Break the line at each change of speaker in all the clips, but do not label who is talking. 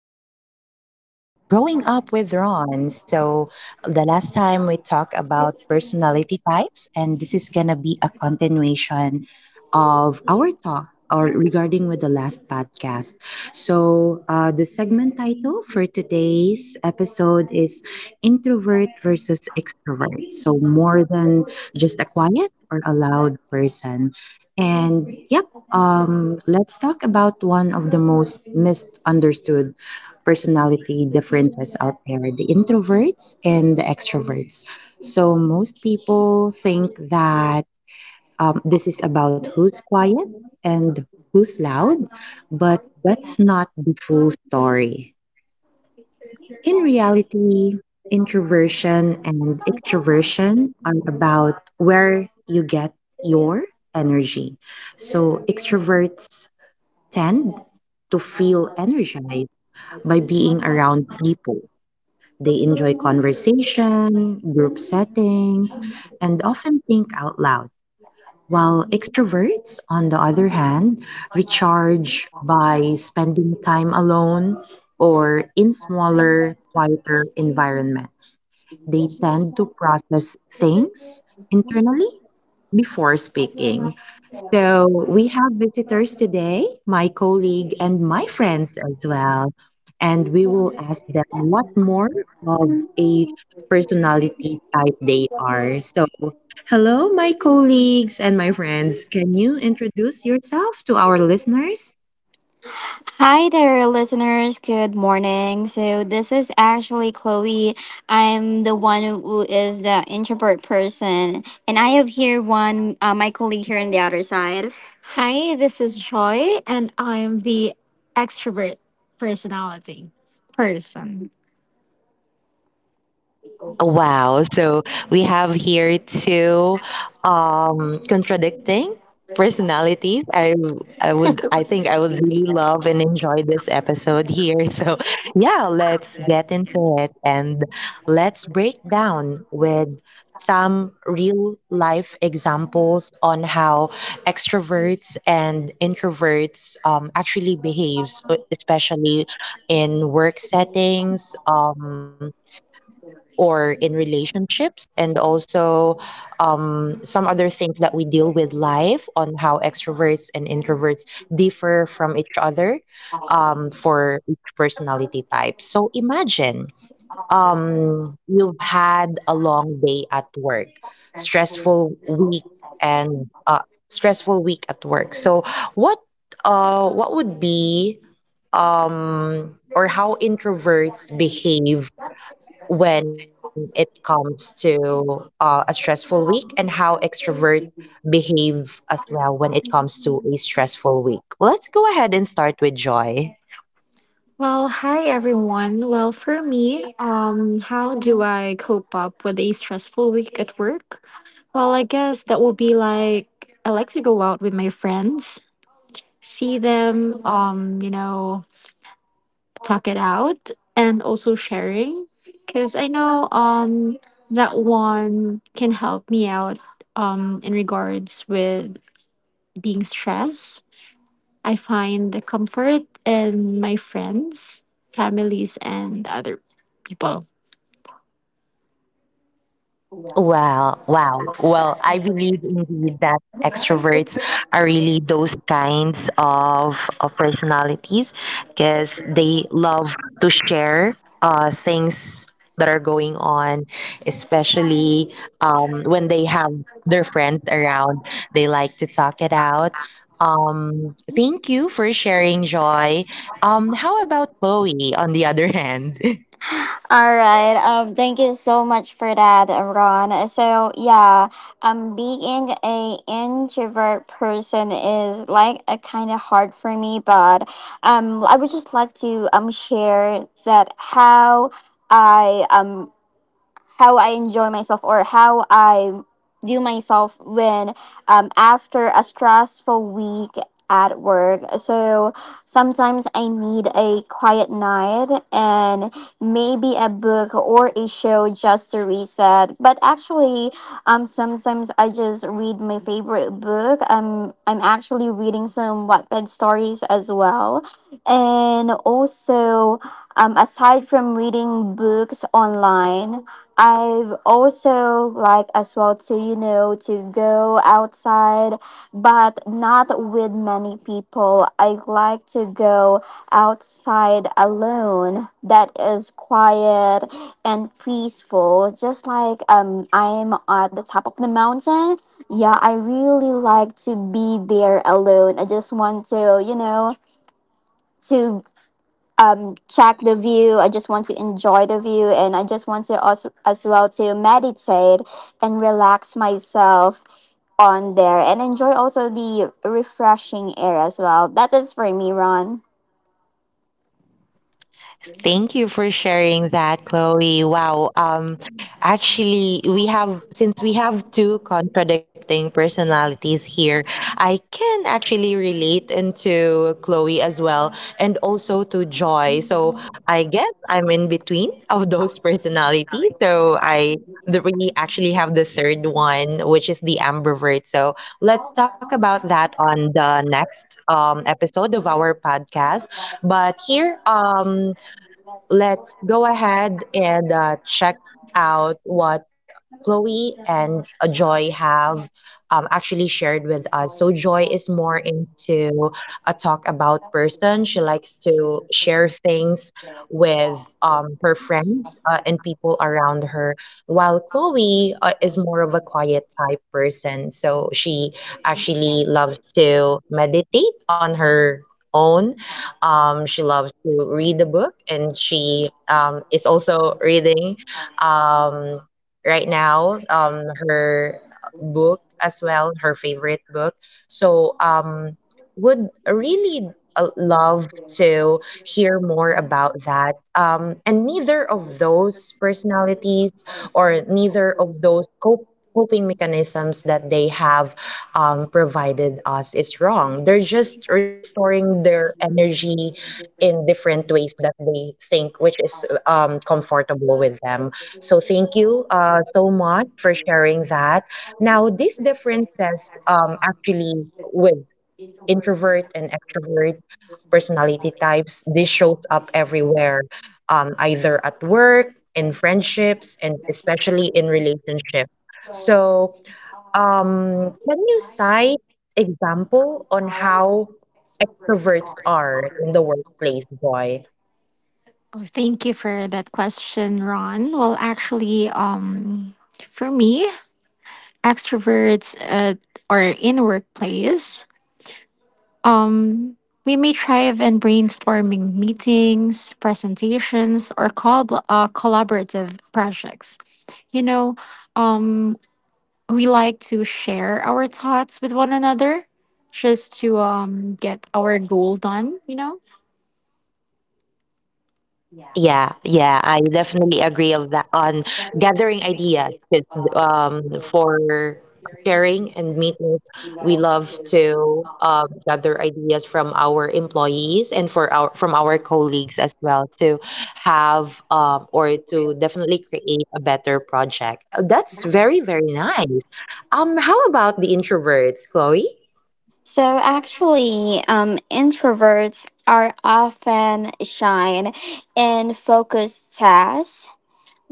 episode of Growing Up with Ron. So, the last time we talked about personality types, and this is going to be a continuation of our talk or regarding with the last podcast. So, the segment title for today's episode is Introvert versus Extrovert. So, more than just a quiet or a loud person. And yep, let's talk about one of the most misunderstood personality differences out there the introverts and the extroverts. So, most people think that this is about who's quiet and who's loud, but that's not the full story. In reality, introversion and extroversion are about where you get your energy. So, extroverts tend feel energized by being around people. They enjoy conversation, group settings, and often think out loud. While extroverts, on the other hand, recharge by spending time alone or in smaller, quieter environments. They tend to process internally before speaking. So we have visitors today, my colleague and my friends as well. And will ask them what more of a personality type they are. So, hello, my colleagues and my friends. Can you introduce yourself to our listeners?
Hi there, listeners. Good morning. So, this is actually Chloe. I'm the one who is the introvert person, and I have here one, my colleague here on the other side. Hi, this is Joy, and I'm the extrovert personality person.
Wow. So we have here two contradicting personalities. I think I would really love and enjoy this episode here. So yeah, let's get into it and let's break down with some real life examples on how extroverts and introverts actually behaves, especially in work settings. Or in relationships and also some other things that we deal with life on how extroverts and introverts differ from each other for each personality type, so imagine you've had a long day at work, stressful week, and stressful week at work. So what uh, what would be, or how introverts behave when it comes to a stressful week, and how extrovert behave as well when it comes to a stressful week. Let's go ahead and start with Joy.
Well, hi everyone. Well, for me, how do I cope up with a stressful week at work? Well, I guess that will be like I like to go out with my friends, see them talk it out and also sharing because I know that one can help me out in regards with being stressed. I find the comfort in my friends, families and other people.
Well, wow. Well, I believe indeed that extroverts are really those kinds of personalities because they love to share things that are going on, especially when they have their friends around. They like to talk it out. Thank you for sharing, Joy. How about Chloe on the other hand?
All right. Thank you so much for that, Ron. So yeah, being a introvert person is like a kind of hard for me, but I would just like to share that I um how I enjoy myself or how I do myself when after a stressful week at work. So sometimes I need a quiet night and maybe a book or a show just to reset. But actually, sometimes I just read my favorite book. I'm actually reading some Wattpad stories as well. And also, aside from reading books online, I've also like as well to to go outside but not with many people. I like to go outside alone that is quiet and peaceful, just like I'm at the top of the mountain. Yeah, I really like to be there alone. I just want to, you know, to check the view. I just want to enjoy the view, and I just want to also as well to meditate and relax myself on there, and enjoy also the refreshing air as well. That is for me, Ron.
Thank you for sharing that, Chloe. Wow. Actually, we have, since we have two contradicting personalities here, I can actually relate into Chloe as well and also to Joy. So I guess I'm in between of those personalities. So we actually have the third one, which is the ambivert. So let's talk about that on the next episode of our podcast. But here, let's go ahead and check out what Chloe and Joy have actually shared with us. So Joy is more into a talk about person. She likes to share things with her friends in people around her, while Chloe is more of a quiet type person. So she actually loves to meditate on her own. She loves to read a book, and she is also reading um, right now her book as well, her favorite book, so, would really love to hear more about that. And neither of those personalities or neither of those coping mechanisms that they have provided us is wrong. They're just restoring their energy in different ways that they think, which is comfortable with them. So thank you so much for sharing that. Now, this says actually with introvert and extrovert personality types, this shows up everywhere, either at work, in friendships, and especially in relationships. So can you cite example how extroverts are in the workplace, boy?
Oh, thank you for that question, Ron. Well, actually, for me, extroverts are in workplace. Um, we may thrive in brainstorming meetings, presentations, or collaborative projects. You know, um, we like to share our thoughts with one another just to get our goal done, you know?
Yeah, yeah, I definitely agree of that on gathering ideas for sharing and meetings. We love to gather ideas from our employees and for our from our colleagues as well to have, or to definitely create a better project. That's very, very nice. How about the introverts, Chloe?
So actually, introverts are often shy in focused tasks,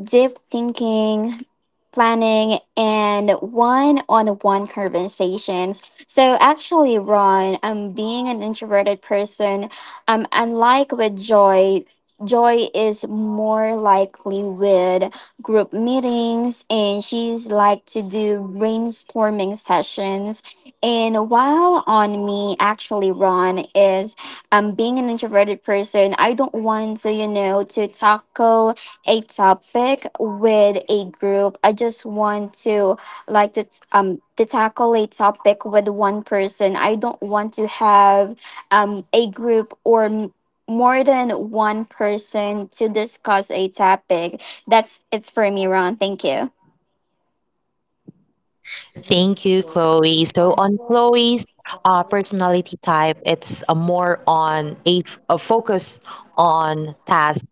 deep thinking, planning, and one on one conversations. So, actually, Ron, being an introverted person, unlike with Joy, Joy is more likely with group meetings and she's like to do brainstorming sessions. And while on me, actually, Ron, is being an introverted person, I don't want to, you know, to tackle a topic with a group. I just want to like to tackle a topic with one person. I don't want to have a group or more than one person to discuss a topic. That's it's for me, Ron. Thank you.
Thank you, Chloe. So on Chloe's personality type, it's a more on a focus on task,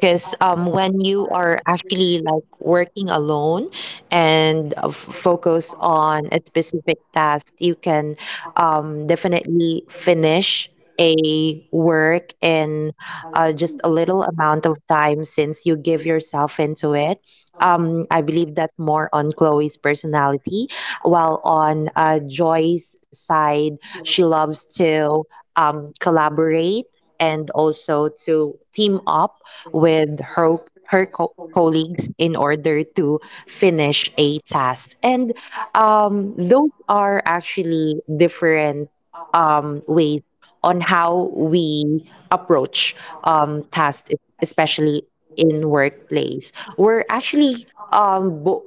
because when you are actually like working alone and focus on a specific task, you can definitely finish a work in just a little amount of time, since you give yourself into it. I believe that more on Chloe's personality, while on Joy's side, she loves to collaborate and also to team up with her colleagues in order to finish a task. And those are actually different ways on how we approach tasks, especially in workplace. We're actually um bo-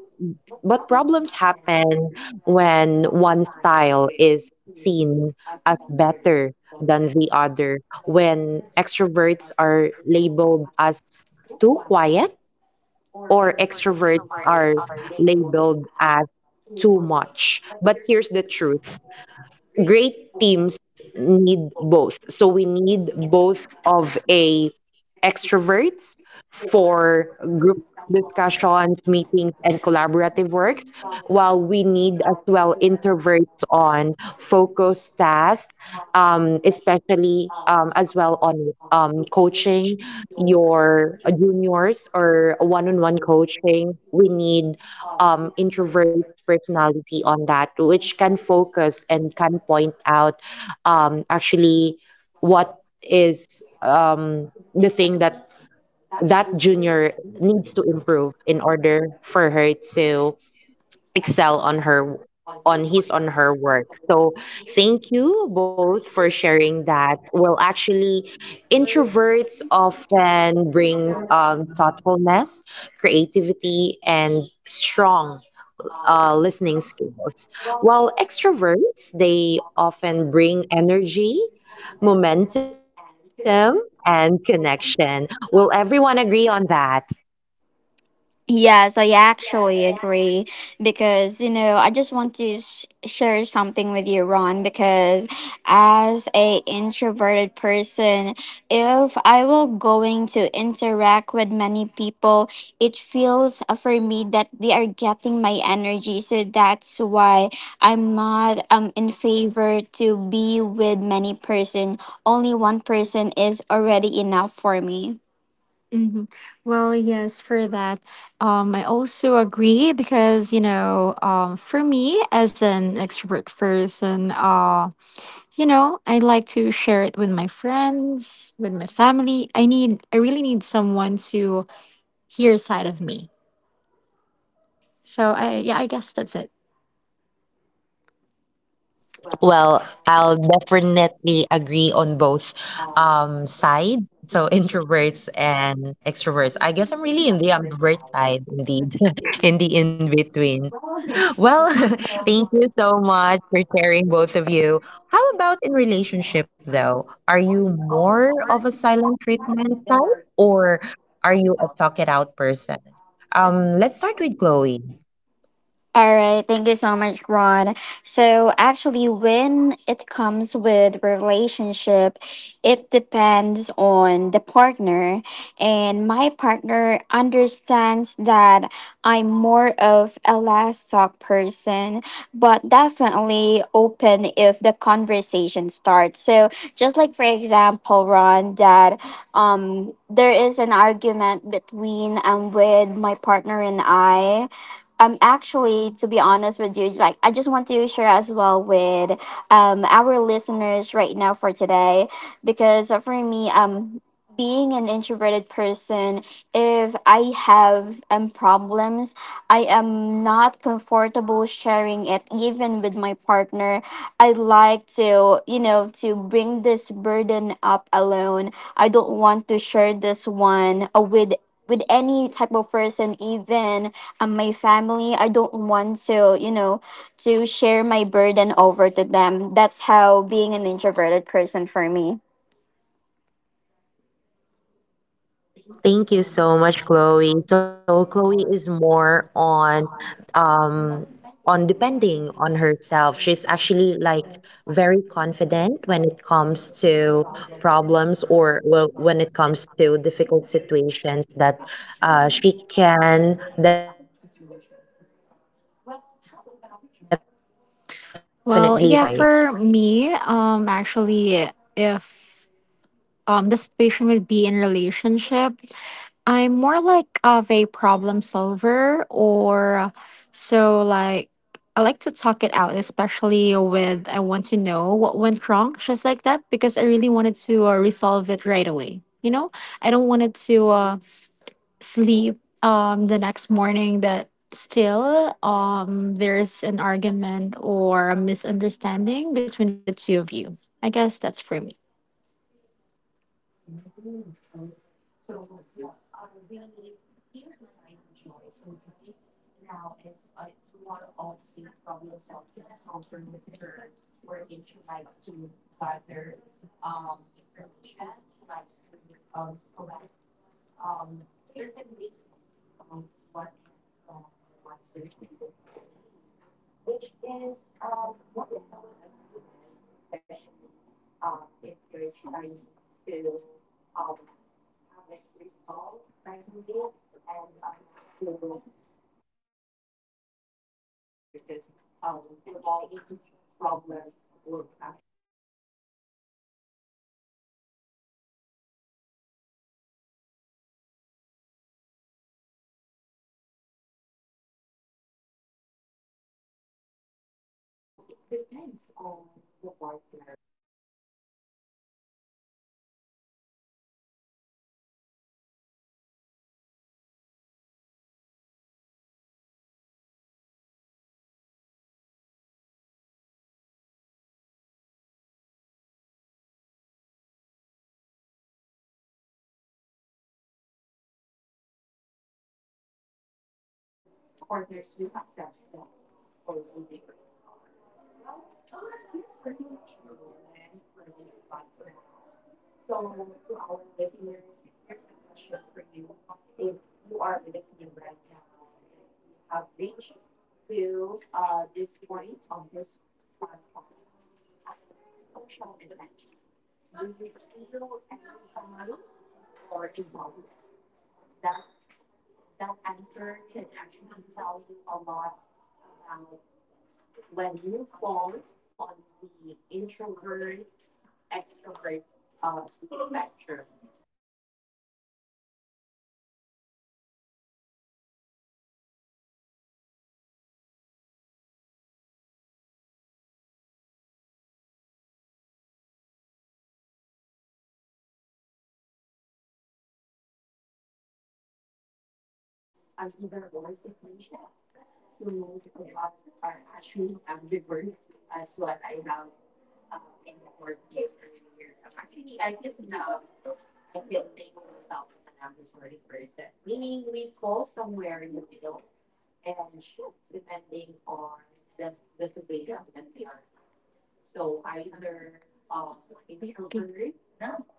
but problems happen when one style is seen as better than the other, when extroverts are labeled as too quiet, or extroverts are labeled as too much. But here's the truth, great teams need both. So we need both of a extroverts for group discussions, meetings, and collaborative works, while we need as well introverts on focused tasks, especially as well on coaching your juniors or one-on-one coaching. We need introvert personality on that, which can focus and can point out actually what is the thing that that junior needs to improve in order for her to excel on her on his on her work. So thank you both for sharing that. Well, actually introverts often bring thoughtfulness, creativity, and strong listening skills, while extroverts, they often bring energy, momentum, and connection. Will everyone agree on that?
Yes, I actually agree because you know I just want to share something with you, Ron. Because as a introverted person, if I will going to interact with many people, it feels for me that they are getting my energy. So that's why I'm not in favor to be with many person. Only one person is already enough for me. Hmm. Well, yes, for that, I also agree because you know, for me as an extrovert person, you know, I like to share it with my friends, with my family. I really need someone to hear side of me. So I, yeah, I guess that's it.
Well, I'll definitely agree on both sides. So introverts and extroverts. I guess I'm really in the ambivert side indeed, in the in between. Well, thank you so much for sharing, both of you. How about in relationship though? Are you more of a silent treatment type or are you a talk it out person? Let's start with Chloe.
All right, thank you so much, Ron. So actually, when it comes with relationship, it depends on the partner, and my partner understands that I'm more of a last talk person, but definitely open if the conversation starts. So just like for example, Ron, that there is an argument between and with my partner and I. Actually, to be honest with you, like I just want to share as well with our listeners right now for today, because for me, being an introverted person, if I have problems, I am not comfortable sharing it even with my partner. I like to, you know, to bring this burden up alone. I don't want to share this one with any type of person, even my family. I don't want to, you know, to share my burden over to them. That's how being an introverted person for me.
Thank you so much, Chloe. So Chloe is more on um on depending on herself. She's actually like very confident when it comes to problems, or well, when it comes to difficult situations that she can definitely find a solution for it. Well, how about Joy?
Well, yeah, for me, actually, if the situation would be in relationship, I'm more like of a problem solver, or so like I like to talk it out, especially with I want to know what went wrong, just like that, because I really wanted to resolve it right away. You know, I don't want it to. Sleep the next morning that still there's an argument or a misunderstanding between the two of you. I guess that's for me.
Mm, okay. So yeah, we hear the side of Joy. So Joy now it's more of a problem solver with her, wherein she likes to gather information. She likes to collect certain reasons of what went wrong or what seemed to be the problem really, which is more like I would agree with, especially if you're trying to have it resolved right away and not to resolve it the day after, because prolonging problems would actually lead to something more bigger as well. So I'd like that. I like that. I like that idea. And I would definitely agree as well with my colleague. So it depends on the partner, really, who understands you and accepts you for who you are, what personality do you have. So it's actually like amazing to think that both of my colleagues here, both of my friends, already found understanding partners and also um, partners who accepts them for who they really are. Well, here's a reflection moment for this podcast. So, to our listeners, here's a question for you. If you are listening right now, if you have reached to this point of this podcast, after social events, do you feel energized or exhausted? that's that answer can actually tell you a lot about when you fall on the introvert extrovert spectrum. And remember this. So also remember that this isn't either an either or situation. So most of us are actually ambiverts, as what I have informed you earlier. I can I can label myself as an ambivert person, meaning we fall somewhere in the middle and shift depending on that the situation that we are in. So either introvert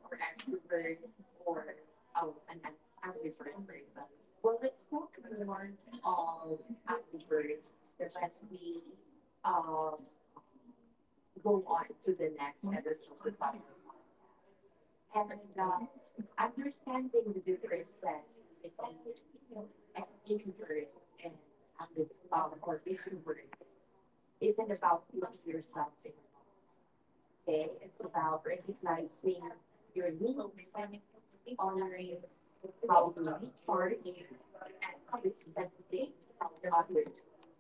or extrovert or an ambivert person. Well, let's talk more of ambivert when we um, go on the next episode of our podcast and understand differences between introvert and ambiv or extrovert isn't about putting yourself in a box. Okay, it's about recognizing your needs, honoring recharge, and rethink how I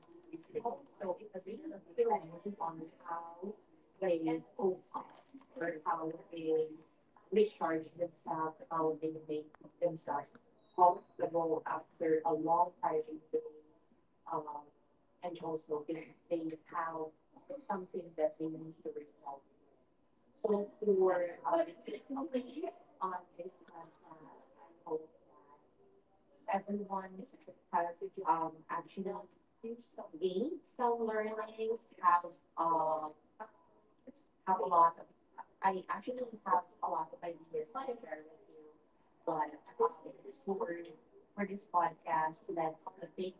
do this. So it really depends on how they up or how they recharge themselves, how they make themselves comfortable, hiring they um and also if they have something that they need to resolve with. So for the takeaways on this podcast, I hope that everyone has actually gained learning. Um, have a, I actually have a lot of ideas to share with you, but for this podcast, let's take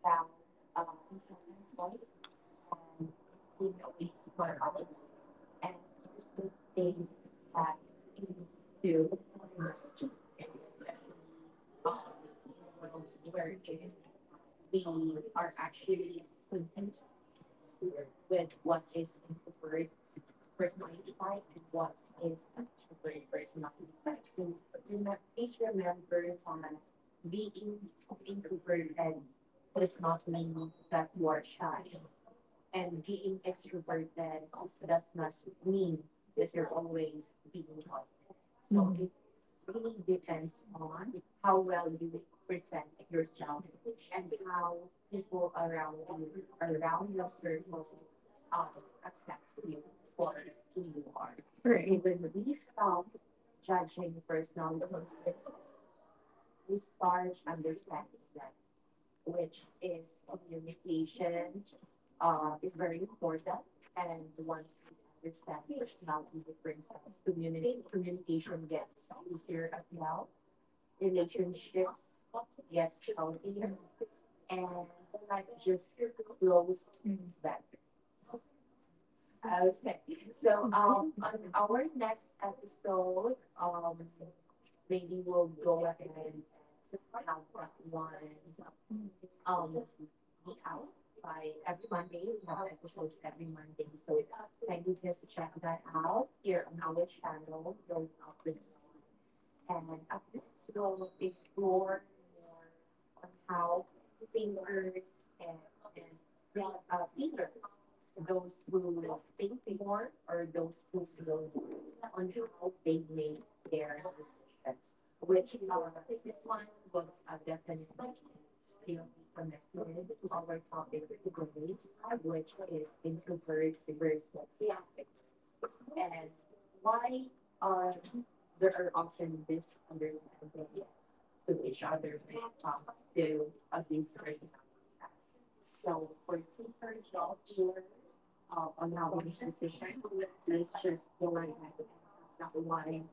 down important points and key takeaways for us. And here's the thing that you need to remember, especially in a world wherein we are actually confused with what is introvert personality type and what is an extrovert personality type. So please remember that being introverted does not mean that you are shy, and being extroverted does not mean that you're always being confident. So it really depends on how well you present yourself and how people around you, around your circle, accept you for who you are. So when we stop judging personality differences, we start understanding them, which is communication is very important. And once we understand personality differences, communication gets easier, as well relationship gets healthier and the life better. Okay. On our next episode, maybe we'll go ahead and have that one be out by every Monday. We have episodes every Monday, so kindly just check that out here on our channel, Growing Up with Ron. And up next, we'll explore more on how thinkers and free feelers, those who think more or those who feel more, on how they make their decisions. Which this one will definitely still be connected to our topic today, which is introverts versus ambiverts, and why uh, there are often misunderstanding to each other when it comes to these personality types. So, for thinkers and feelers on how they make decisions, let's just go ahead and have that one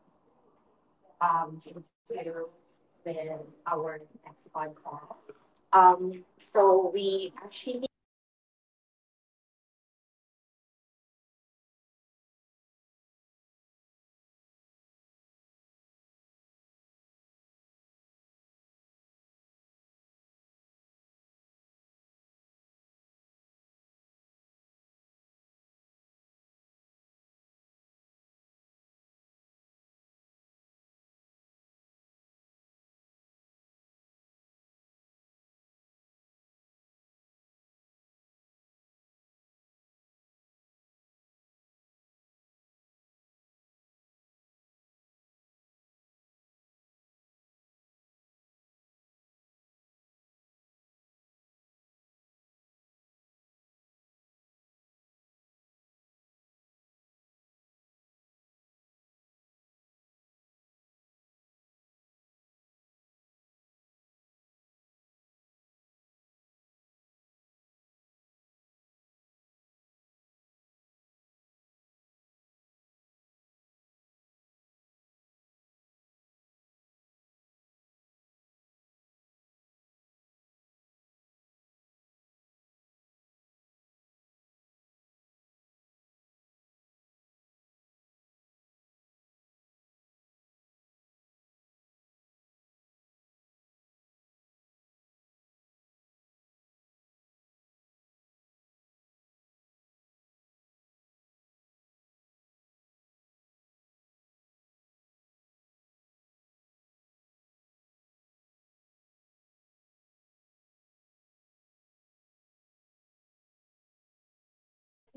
into with our next podcast. So we actually created a new personal page on Facebook. We just started it this year, so kindly just check that out. Growing up with Ron, and also kindly check on my other colleagues' podcast. I can um, put the link there somewhere in the comment section and let us know what personality type do you have. You can definitely leave your comments in the comment section. We'll love to read it. We'll get back to you as soon as um, you share your thoughts, you share your ideas with us. Thank you so much for listening to this podcast. And I'm going to leave you with some music first. And um, I will be going back and just 2 minutes. One moment.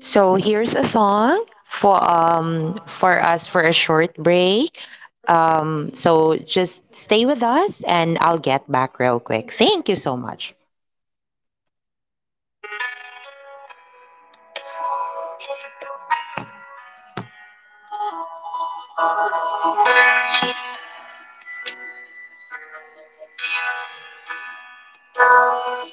So here's a song for us for a short break. So just stay with us, and I'll get back real quick. Thank you so much. Thank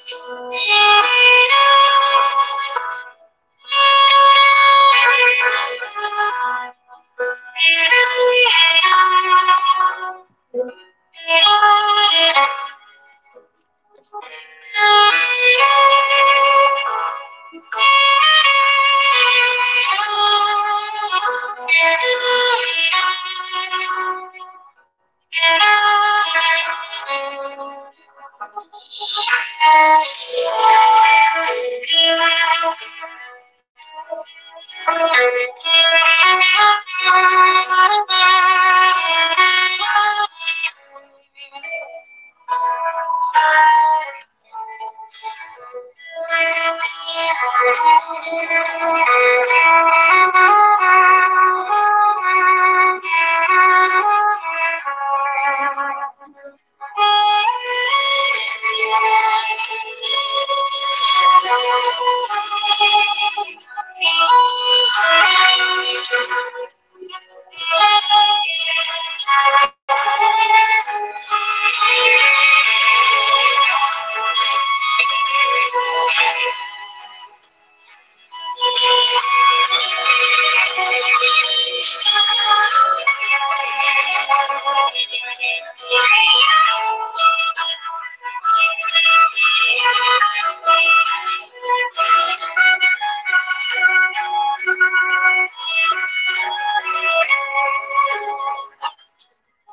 you. Thank you. মাস্না শত্নান ওন স্নানা হিন সান্ন এন গনারা কন্না দ্ন্ন সার্ন পিনান্ন. ご視聴ありがとうございました.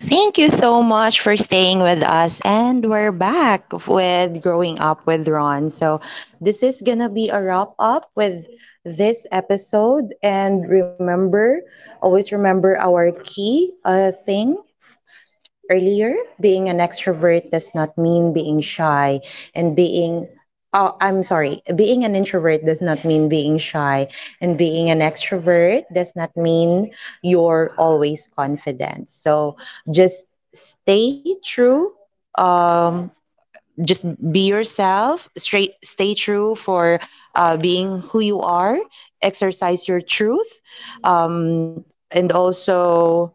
Thank you so much for staying with us. And we're back with Growing Up with Ron. So, this is going to be a wrap up with this episode. And remember, always remember our key thing earlier, being an extrovert does not mean being shy and being oh, I'm sorry, being an introvert does not mean being shy and being an extrovert does not mean you're always confident. So just stay true um just be yourself, straight stay true for being who you are, exercise your truth, um, and also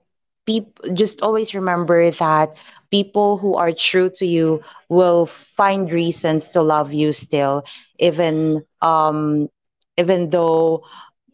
people, just always remember that people who are true to you will find reasons to love you still, even even though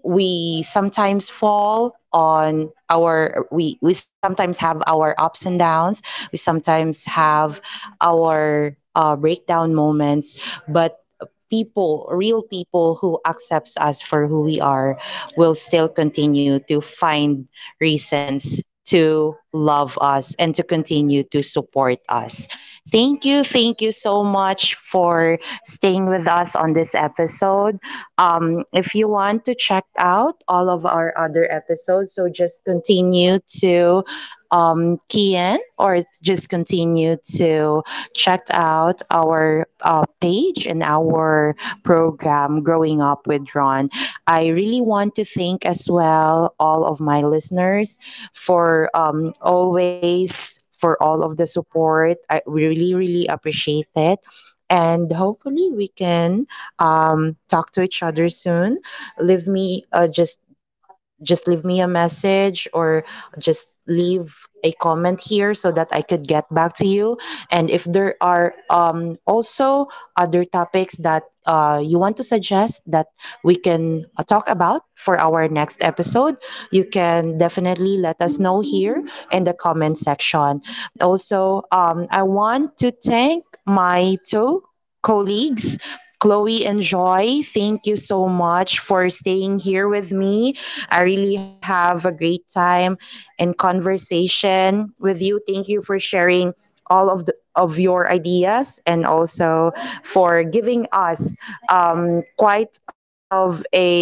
we sometimes have our ups and downs, we sometimes have our breakdown moments, but people, real people who accepts us for who we are will still continue to find reasons to love us and to continue to support us. Thank you. Thank you so much for staying with us on this episode. If you want to check out all of our other episodes, so just continue to key in or just continue to check out our page and our program, Growing Up with Ron. I really want to thank as well all of my listeners for always for all of the support. I really, really appreciate it. And hopefully we can talk to each other soon. Leave me just leave me a message or just leave a comment here so that I could get back to you. And if there are also other topics that you want to suggest that we can talk about for our next episode, you can definitely let us know here in the comment section. Also, I want to thank my two colleagues, Chloe and Joy. Thank you so much for staying here with me. I really have a great time and conversation with you. Thank you for sharing all of the of your ideas and also for giving us quite of a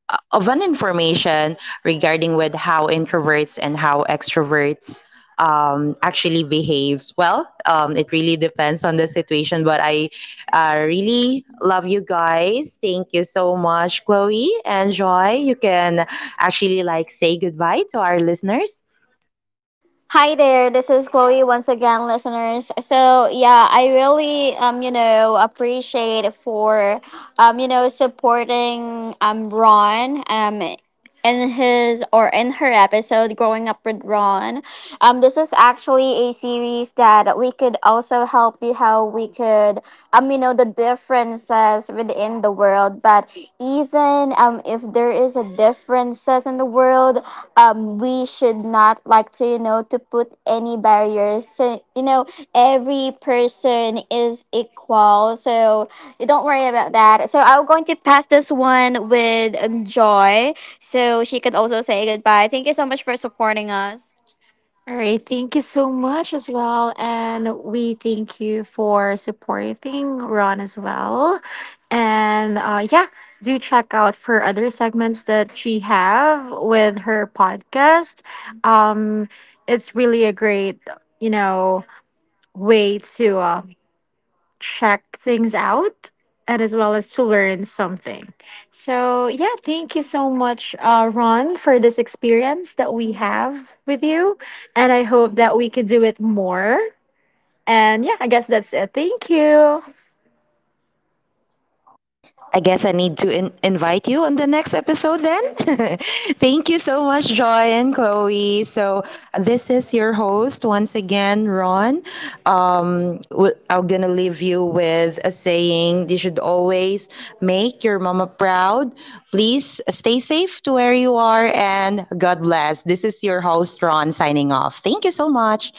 of an information regarding with how introverts and how extroverts actually behaves. Well, it really depends on the situation, but I really love you guys. Thank you so much, Chloe and Joy. You can actually like say goodbye to our listeners.
Hi there, this is Chloe once again, listeners. So yeah, I really appreciate for supporting Ron in his or in her episode Growing Up with Ron. This is actually a series that we could also help you how we could the differences within the world, but even if there is a differences in the world, we should not like to to put any barriers, so you know every person is equal. So you don't worry about that. So I'm going to pass this one with Joy, so she can also say goodbye. Thank you so much for supporting us. All right, thank you so much as well. And we thank you for supporting Ron as well. And yeah, do check out for other segments that she have with her podcast. Um, it's really a great, you know, way to check things out and as well as to learn something. So, yeah, thank you so much, Ron, for this experience that we have with you. And I hope that we could do it more. And yeah, I guess that's it. Thank you.
I guess I need to invite you on the next episode then. Thank you so much, Joy and Chloe. So, this is your host once again, Ron. I'm going to leave you with a saying, you should always make your mama proud. Please stay safe to where you are, and God bless. This is your host, Ron, signing off. Thank you so much.